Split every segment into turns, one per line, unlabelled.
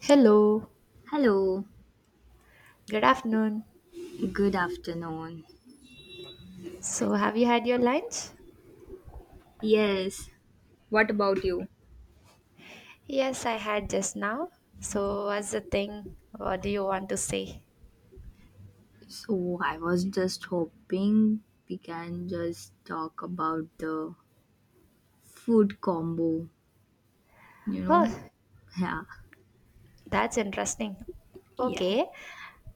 Hello,
Hello,
good afternoon.
good afternoon.
So, have you had your lunch?
Yes. What about you?
Yes, I had just now. So, what's the thing? What do you want to say?
So, I was just hoping we can just talk about the food combo, you know?
Oh,
Yeah,
that's interesting.
Yeah,
Okay,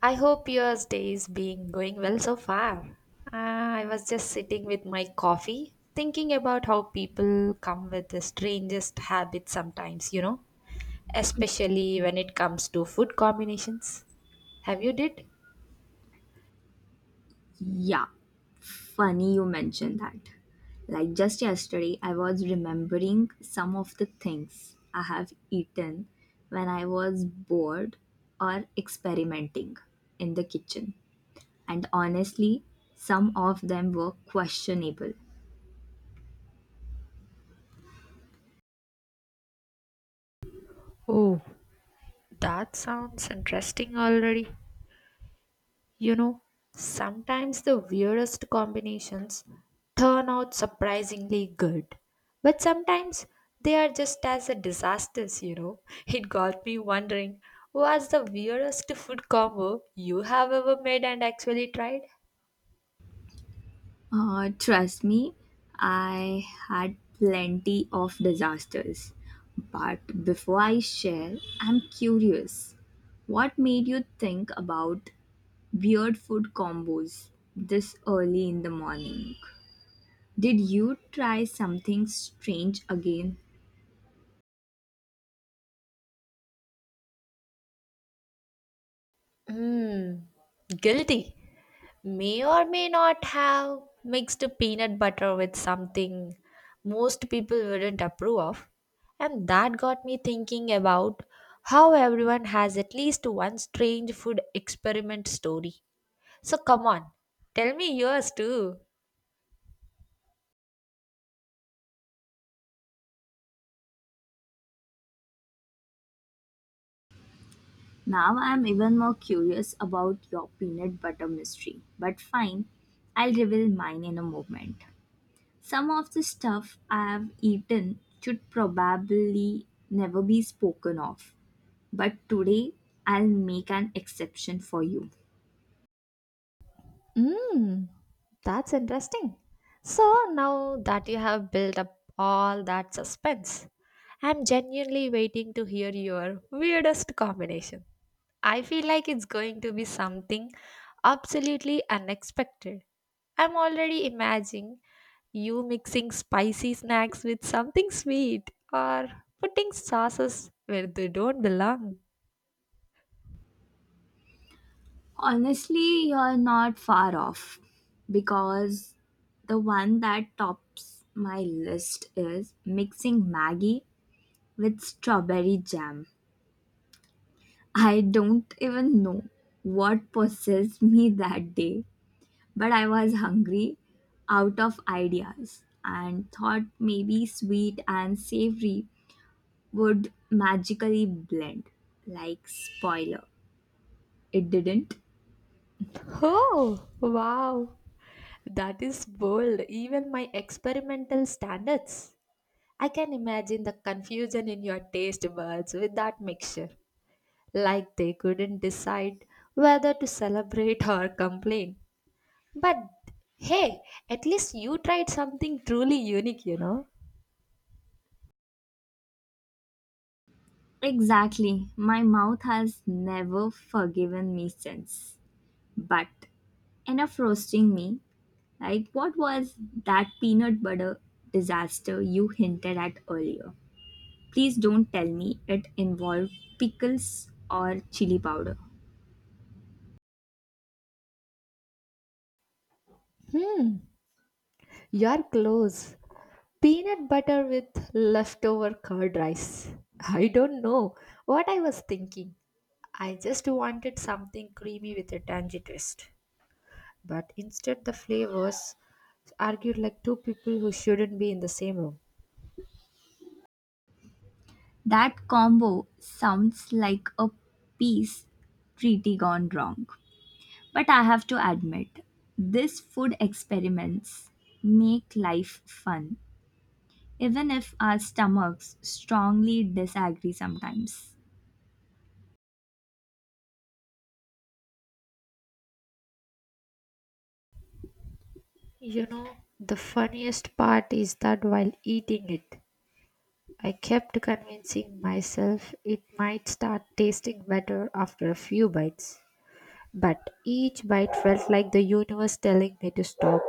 I hope your day is being going well so far. Ah, I was just sitting with my coffee, thinking about how people come with the strangest habits sometimes, you know, especially when it comes to food combinations. Have you did?
yeah. Funny you mentioned that. Like, just yesterday, I was remembering some of the things I have eaten when I was bored or experimenting in the kitchen. And honestly, some of them were questionable.
Oh, that sounds interesting already. You know, sometimes the weirdest combinations turn out surprisingly good, but sometimes they are just as a disasters, you know. It got me wondering what's the weirdest food combo you have ever made and actually tried?
Trust me, I had plenty of disasters. But before I share, I'm curious. What made you think about weird food combos this early in the morning? Did you try something strange again?
Mmm, guilty. May or may not have mixed peanut butter with something most people wouldn't approve of. And that got me thinking about how everyone has at least one strange food experiment story. So come on, tell me yours too.
Now I'm even more curious about your peanut butter mystery. But fine, I'll reveal mine in a moment. Some of the stuff I have eaten should probably never be spoken of, but today I'll make an exception for you.
Mmm, that's interesting. So now that you have built up all that suspense, I'm genuinely waiting to hear your weirdest combination. I feel like it's going to be something absolutely unexpected. I'm already imagining you mixing spicy snacks with something sweet or putting sauces where they don't belong.
Honestly, you're not far off because the one that tops my list is mixing Maggie with strawberry jam. I don't even know what possessed me that day, but I was hungry, out of ideas, and thought maybe sweet and savory would magically blend. Like, spoiler, it didn't.
Oh, wow. That is bold, even my experimental standards. I can imagine the confusion in your taste buds with that mixture, like they couldn't decide whether to celebrate or complain. But hey, at least you tried something truly unique, you know?
Exactly, my mouth has never forgiven me since. But enough roasting me. Like, what was that peanut butter disaster you hinted at earlier? Please don't tell me it involved pickles or chili powder.
Hmm, you're close. Peanut butter with leftover curd rice. I don't know what I was thinking. I just wanted something creamy with a tangy twist. But instead, the flavors argued like two people who shouldn't be in the same room.
That combo sounds like a peace treaty gone wrong. But I have to admit, these food experiments make life fun, even if our stomachs strongly disagree sometimes.
You know, the funniest part is that while eating it, I kept convincing myself it might start tasting better after a few bites, but each bite felt like the universe telling me to stop.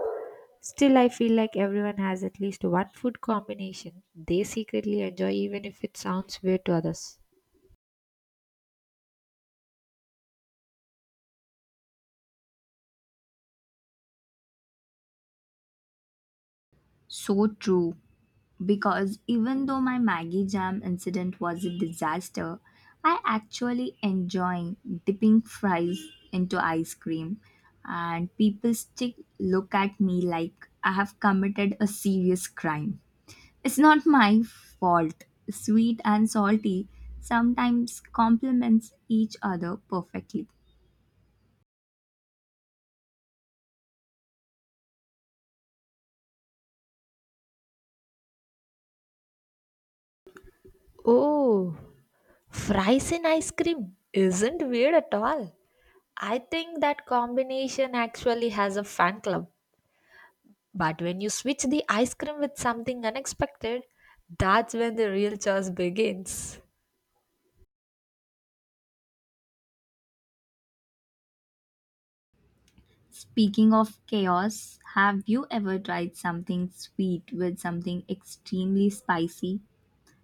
Still, I feel like everyone has at least one food combination they secretly enjoy, even if it sounds weird to others.
So true. Because even though my Maggie Jam incident was a disaster, I actually enjoy dipping fries into ice cream, and people still look at me like I have committed a serious crime. It's not my fault. Sweet and salty sometimes complements each other perfectly.
Oh, fries and ice cream isn't weird at all. I think that combination actually has a fan club. But when you switch the ice cream with something unexpected, that's when the real chores begins.
Speaking of chaos, have you ever tried something sweet with something extremely spicy?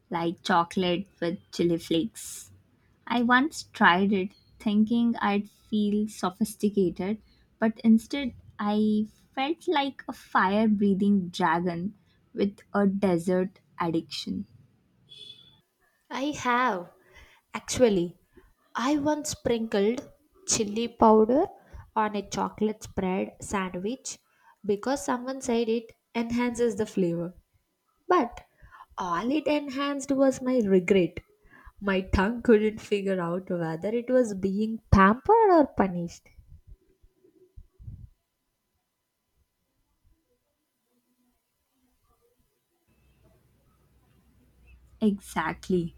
Like chocolate with chili flakes. I once tried it thinking I'd feel sophisticated, but instead I felt like a fire breathing dragon with a desert addiction.
I have. Actually, I once sprinkled chili powder on a chocolate spread sandwich because someone said it enhances the flavor. But all it enhanced was my regret. My tongue couldn't figure out whether it was being pampered or punished.
Exactly.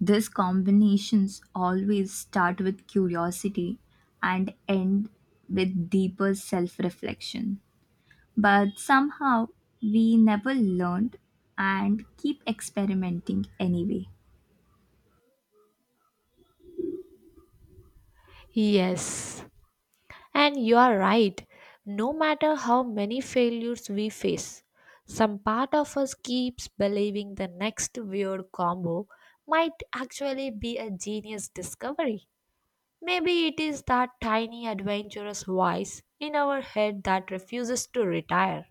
These combinations always start with curiosity and end with deeper self reflection. But somehow we never learned and keep experimenting anyway.
Yes, and you are right, no matter how many failures we face, some part of us keeps believing the next weird combo might actually be a genius discovery. Maybe it is that tiny adventurous voice in our head that refuses to retire.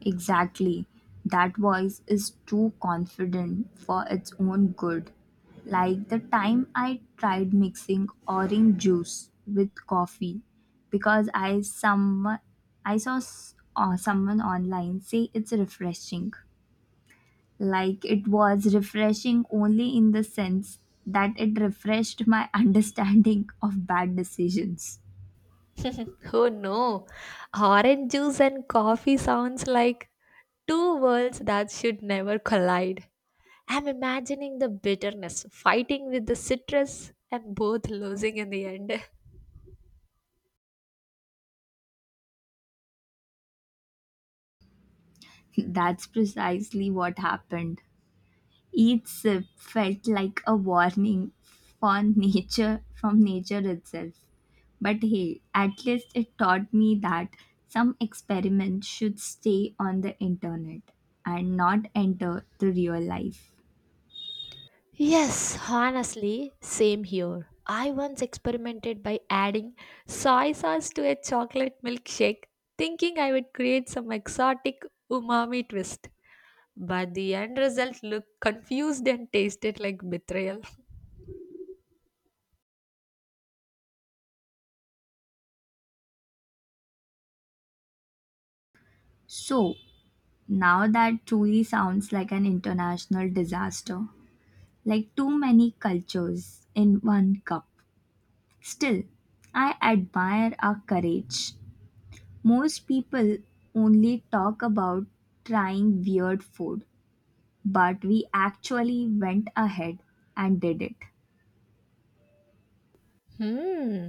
Exactly. That voice is too confident for its own good. Like the time I tried mixing orange juice with coffee because I saw someone online say it's refreshing. Like it was refreshing only in the sense that it refreshed my understanding of bad decisions.
Oh no, orange juice and coffee sounds like two worlds that should never collide. I'm imagining the bitterness, fighting with the citrus, and both losing in the end.
That's precisely what happened. Each sip felt like a warning for nature from nature itself. But hey, at least it taught me that some experiments should stay on the internet and not enter the real life.
Yes, honestly, same here. I once experimented by adding soy sauce to a chocolate milkshake, thinking I would create some exotic umami twist. But the end result looked confused and tasted like betrayal.
So now that truly sounds like an international disaster, like too many cultures in one cup. Still, I admire our courage. Most people only talk about trying weird food, but we actually went ahead and did it.
Hmm.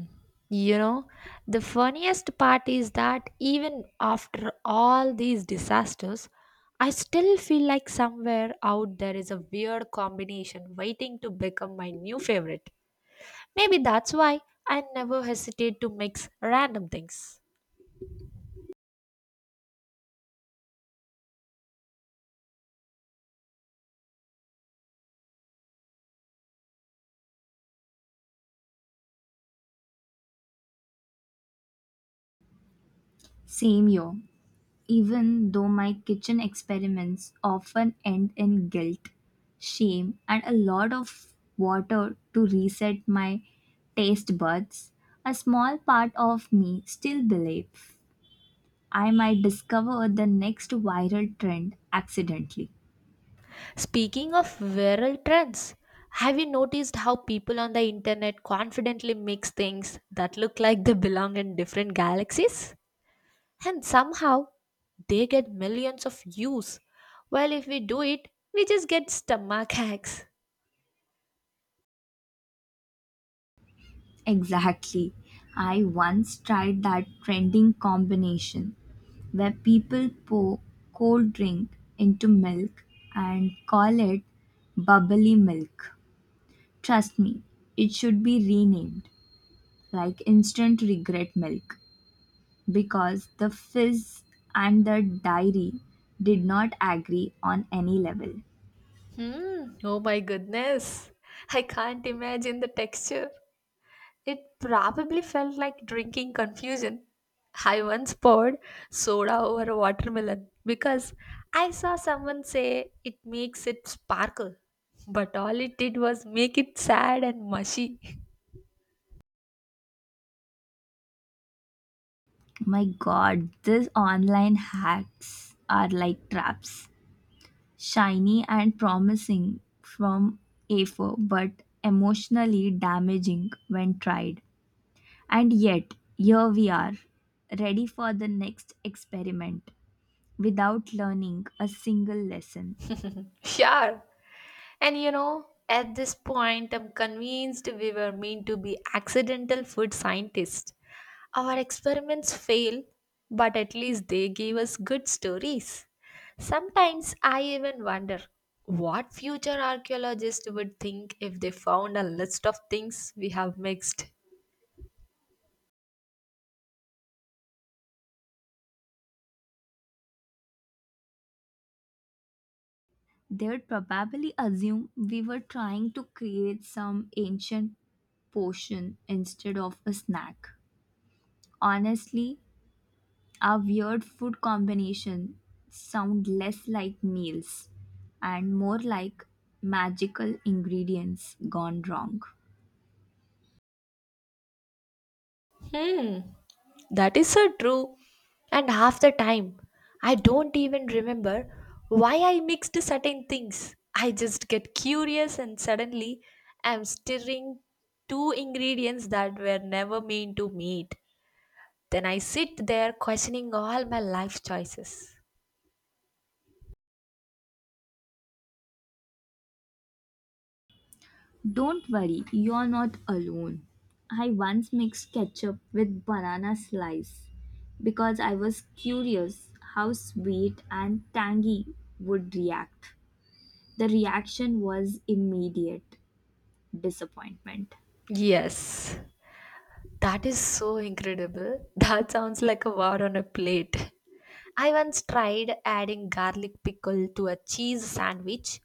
You know, the funniest part is that even after all these disasters, I still feel like somewhere out there is a weird combination waiting to become my new favorite. Maybe that's why I never hesitate to mix random things.
Same year, even though my kitchen experiments often end in guilt, shame, and a lot of water to reset my taste buds, a small part of me still believes I might discover the next viral trend accidentally.
Speaking of viral trends, have you noticed how people on the internet confidently mix things that look like they belong in different galaxies? And somehow they get millions of views. While if we do it, we just get stomach aches.
Exactly. I once tried that trending combination where people pour cold drink into milk and call it bubbly milk. Trust me, it should be renamed like instant regret milk because the fizz and the diary did not agree on any level.
Hmm, oh my goodness. I can't imagine the texture. It probably felt like drinking confusion. I once poured soda over a watermelon because I saw someone say it makes it sparkle. But all it did was make it sad and mushy.
My god, these online hacks are like traps. Shiny and promising from A4, but emotionally damaging when tried. And yet, here we are, ready for the next experiment without learning a single lesson.
Sure, and you know, at this point, I'm convinced we were meant to be accidental food scientists. Our experiments failed, but at least they gave us good stories. Sometimes I even wonder what future archaeologists would think if they found a list of things we have mixed.
They would probably assume we were trying to create some ancient potion instead of a snack. Honestly, our weird food combination sound less like meals and more like magical ingredients gone wrong.
Hmm. That is so true. And half the time, I don't even remember why I mixed certain things. I just get curious and suddenly I'm stirring two ingredients that were never meant to meet. Then I sit there questioning all my life choices.
Don't worry, you're not alone. I once mixed ketchup with banana slice because I was curious how sweet and tangy would react. The reaction was immediate disappointment.
Yes, that is so incredible. That sounds like a war on a plate. I once tried adding garlic pickle to a cheese sandwich,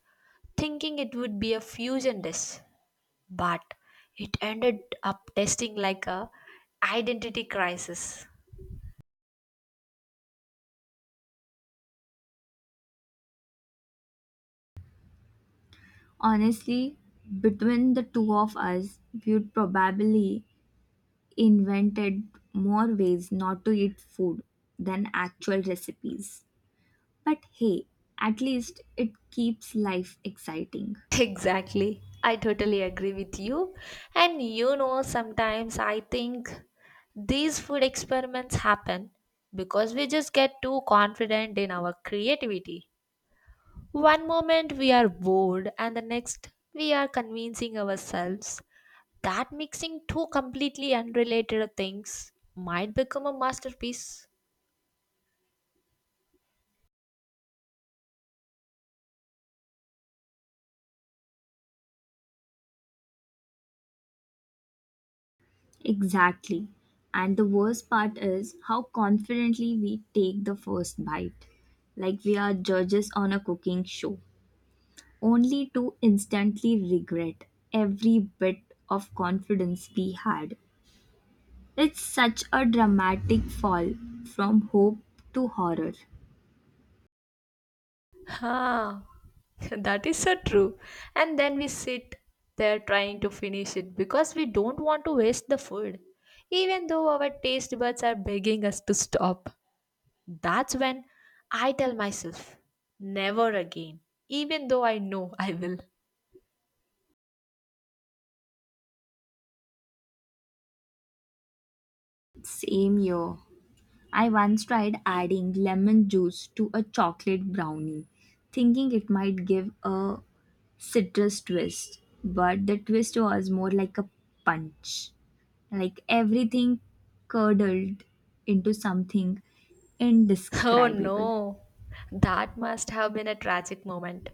thinking it would be a fusion dish, but it ended up tasting like a identity crisis.
Honestly, between the two of us, we'd probably invented more ways not to eat food than actual recipes. But hey, at least it keeps life exciting.
Exactly. I totally agree with you. And you know, sometimes I think these food experiments happen because we just get too confident in our creativity. One moment we are bored, and the next we are convincing ourselves that mixing two completely unrelated things might become a masterpiece.
Exactly. And the worst part is how confidently we take the first bite, like we are judges on a cooking show, only to instantly regret every bit of confidence we had. It's such a dramatic fall from hope to horror.
Ha! That is so true. And then we sit there trying to finish it because we don't want to waste the food, even though our taste buds are begging us to stop. That's when I tell myself, never again, even though I know I will.
Same year. I once tried adding lemon juice to a chocolate brownie, thinking it might give a citrus twist, but the twist was more like a punch. Like everything curdled into something
Oh
indescribable.
no, that must have been a tragic moment.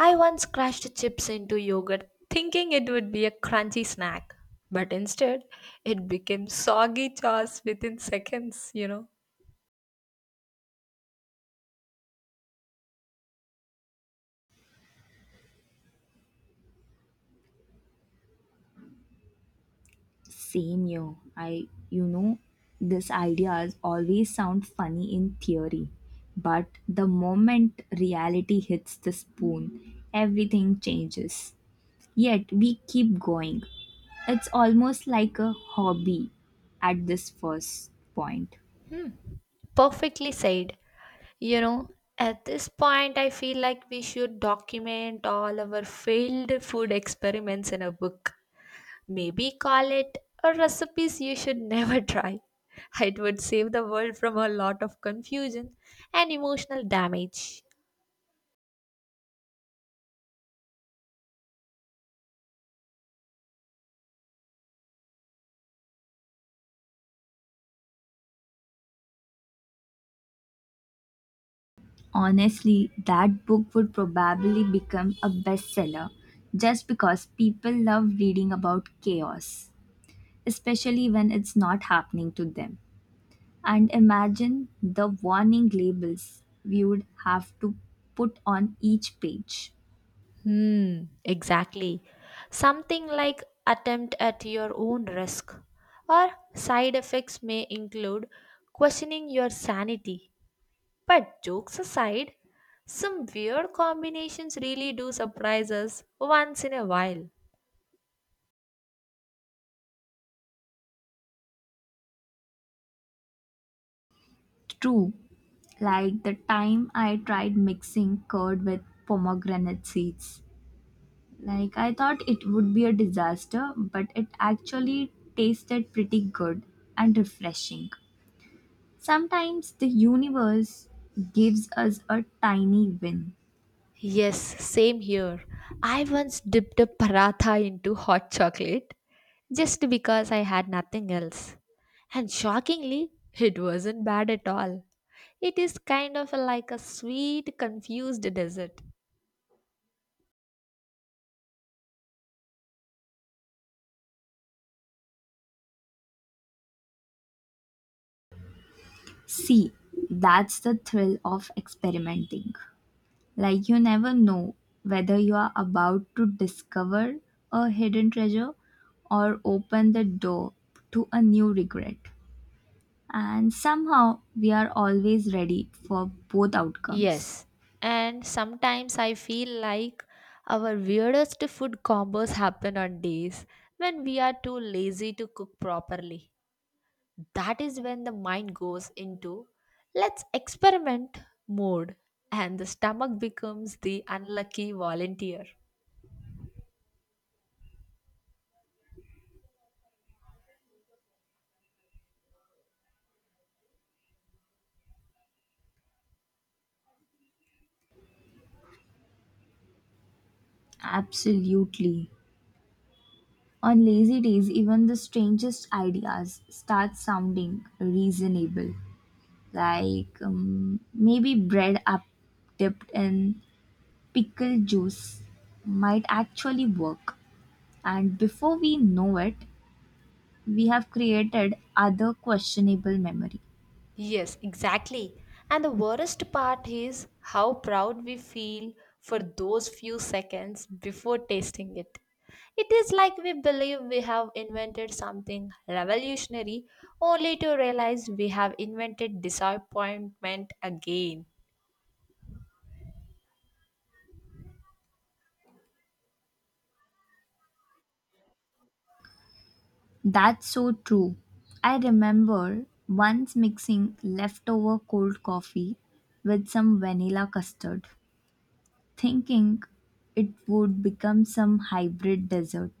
I once crashed chips into yogurt thinking it would be a crunchy snack, but instead it became soggy chaos within seconds, you know.
Same here. These ideas always sound funny in theory, but the moment reality hits the spoon, everything changes. Yet we keep going. It's almost like a hobby at this first point.
Perfectly said. You know, at this point, I feel like we should document all our failed food experiments in a book. Maybe call it a recipes you should never try. It would save the world from a lot of confusion and emotional damage.
Honestly, that book would probably become a bestseller just because people love reading about chaos, especially when it's not happening to them. And imagine the warning labels we would have to put on each page.
Hmm, exactly. Something like attempt at your own risk, or side effects may include questioning your sanity. But jokes aside, some weird combinations really do surprise us once in a while.
True, like the time I tried mixing curd with pomegranate seeds. Like I thought it would be a disaster, but it actually tasted pretty good and refreshing. Sometimes the universe gives us a tiny win.
Yes, same here. I once dipped a paratha into hot chocolate just because I had nothing else. And shockingly, it wasn't bad at all. It is kind of like a sweet, confused dessert.
See, that's the thrill of experimenting. Like you never know whether you are about to discover a hidden treasure or open the door to a new regret. And somehow we are always ready for both outcomes.
Yes, and sometimes I feel like our weirdest food combos happen on days when we are too lazy to cook properly. That is when the mind goes into let's experiment mode and the stomach becomes the unlucky volunteer.
Absolutely. On lazy days, even the strangest ideas start sounding reasonable. Like, maybe bread up dipped in pickle juice might actually work. And before we know it, we have created other questionable memory.
Yes, exactly. And the worst part is how proud we feel for those few seconds before tasting it. It is like we believe we have invented something revolutionary only to realize we have invented disappointment again.
That's so true. I remember once mixing leftover cold coffee with some vanilla custard thinking it would become some hybrid desert,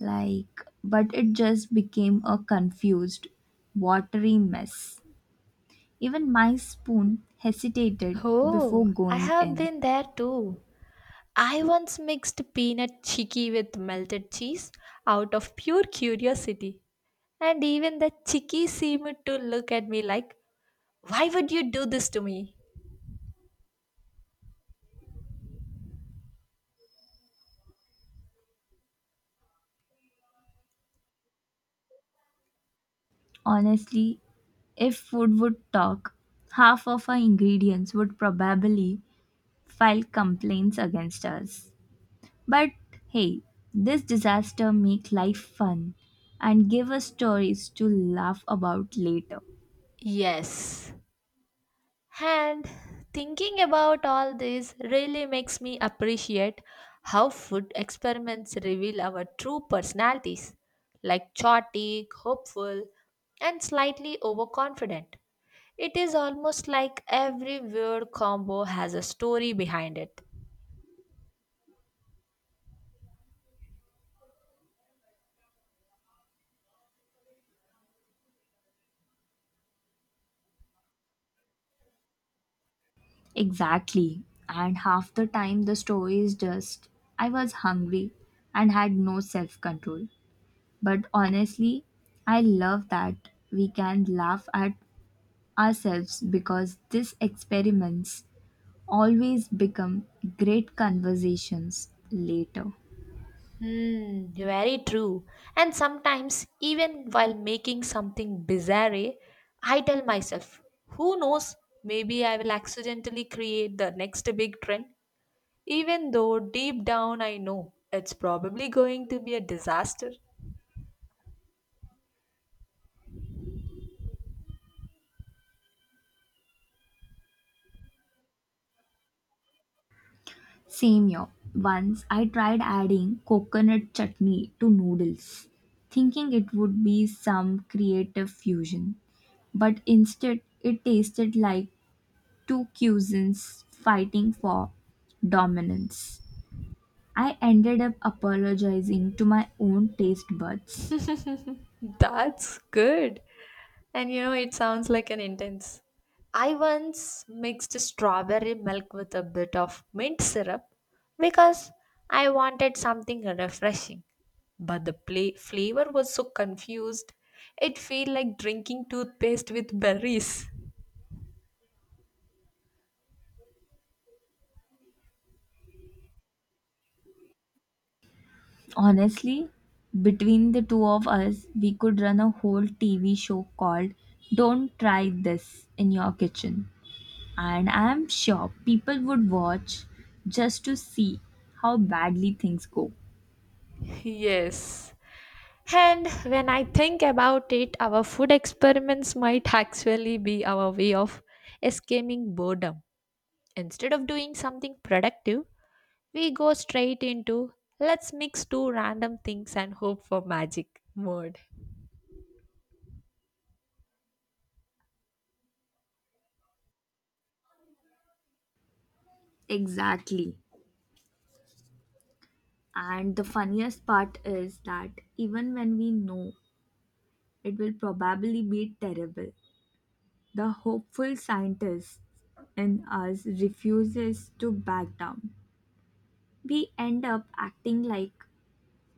like, but it just became a confused watery mess. Even my spoon hesitated before
Oh, I
going
have
in.
been there too. I once mixed peanut chicky with melted cheese out of pure curiosity, and even the chicky seemed to look at me like, why would you do this to me?
Honestly, if food would talk, half of our ingredients would probably file complaints against us. But hey, this disaster make life fun and give us stories to laugh about later.
Yes, and thinking about all this really makes me appreciate how food experiments reveal our true personalities, like chaotic, hopeful, and slightly overconfident. It is almost like every weird combo has a story behind it.
Exactly. And half the time the story is just I was hungry and had no self control. But honestly, I love that we can laugh at ourselves because these experiments always become great conversations later.
Hmm, very true. And sometimes, even while making something bizarre, I tell myself, who knows, maybe I will accidentally create the next big trend. Even though deep down I know it's probably going to be a disaster.
Same here. Once I tried adding coconut chutney to noodles, thinking it would be some creative fusion, but instead it tasted like two cousins fighting for dominance. I ended up apologizing to my own taste buds.
That's good. And you know, it sounds like an intense. I once mixed strawberry milk with a bit of mint syrup because I wanted something refreshing. But the pla flavor was so confused, it felt like drinking toothpaste with berries.
Honestly, between the two of us, we could run a whole TV show called Don't Try This in Your Kitchen. And I'm sure people would watch just to see how badly things go.
Yes. And when I think about it, our food experiments might actually be our way of escaping boredom. Instead of doing something productive, we go straight into let's mix two random things and hope for magic mode.
Exactly. And the funniest part is that even when we know it will probably be terrible, the hopeful scientist in us refuses to back down. We end up acting like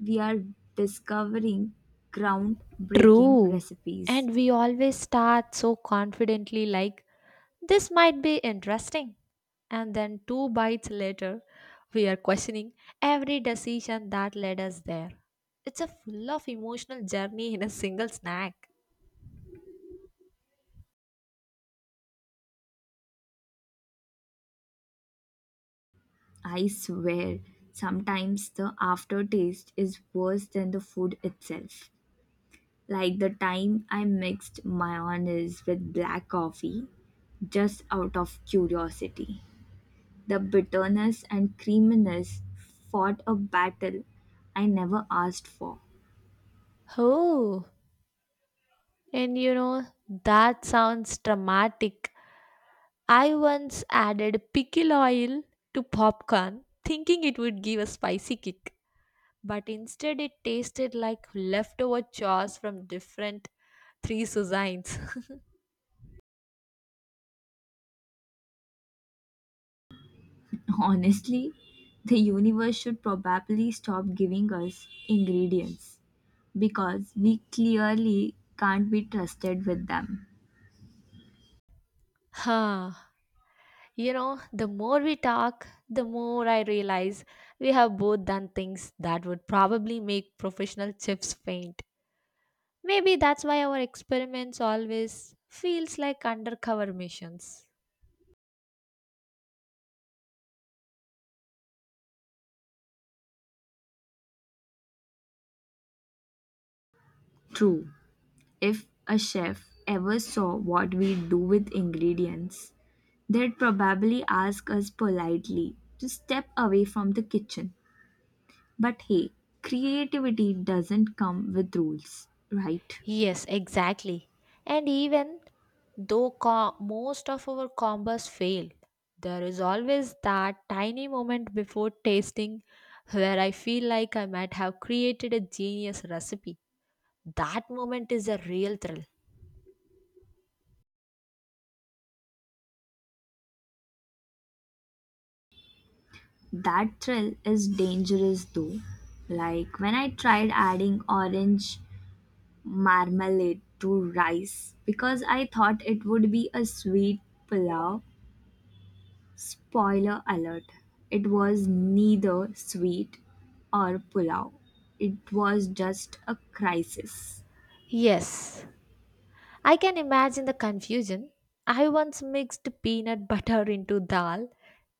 we are discovering groundbreaking
True.
recipes.
And we always start so confidently, like this might be interesting. And then two bites later, we are questioning every decision that led us there. It's a full of emotional journey in a single snack.
I swear, sometimes the aftertaste is worse than the food itself. Like the time I mixed mayonnaise with black coffee just out of curiosity. The bitterness and creaminess fought a battle I never asked for.
Oh, and you know, that sounds dramatic. I once added pickle oil to popcorn, thinking it would give a spicy kick. But instead, it tasted like leftover chores from different three cuisines.
Honestly, the universe should probably stop giving us ingredients because we clearly can't be trusted with them.
Huh. You know, the more we talk, the more I realize we have both done things that would probably make professional chefs faint. Maybe that's why our experiments always feels like undercover missions.
True, if a chef ever saw what we do with ingredients, they'd probably ask us politely to step away from the kitchen. But hey, creativity doesn't come with rules, right?
Yes, exactly. And even though most of our combos fail, there is always that tiny moment before tasting where I feel like I might have created a genius recipe. That moment is a real thrill.
That thrill is dangerous though. Like when I tried adding orange marmalade to rice because I thought it would be a sweet pulao. Spoiler alert, it was neither sweet or pulao. It was just a crisis.
Yes, I can imagine the confusion. I once mixed peanut butter into dal,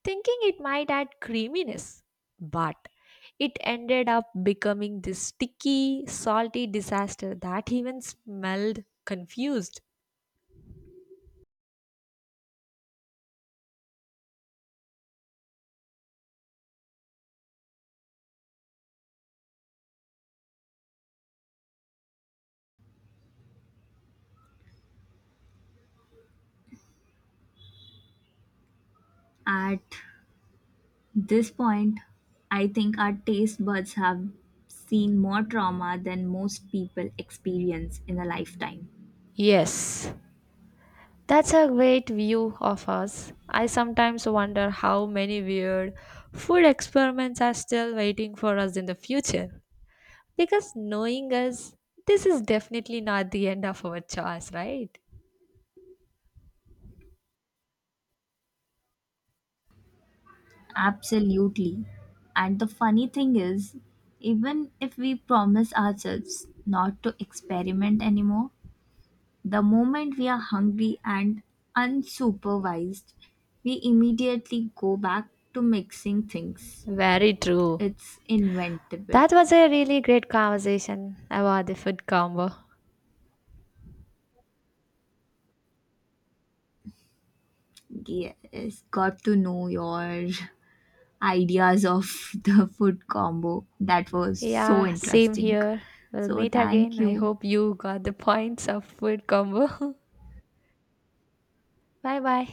thinking it might add creaminess, but it ended up becoming this sticky, salty disaster that even smelled confused.
At this point, I think our taste buds have seen more trauma than most people experience in a lifetime.
Yes, that's a great view of us. I sometimes wonder how many weird food experiments are still waiting for us in the future. Because knowing us, this is definitely not the end of our chores, right?
Absolutely. And the funny thing is, even if we promise ourselves not to experiment anymore, the moment we are hungry and unsupervised, we immediately go back to mixing things.
Very true.
It's inventable.
That was a really great conversation about the food combo.
Yes, got to know your ideas of the food combo. That was so
Yeah, same
interesting.
here. We'll
So,
meet
thank
again. I
you.
hope you got the points of food combo. Bye bye.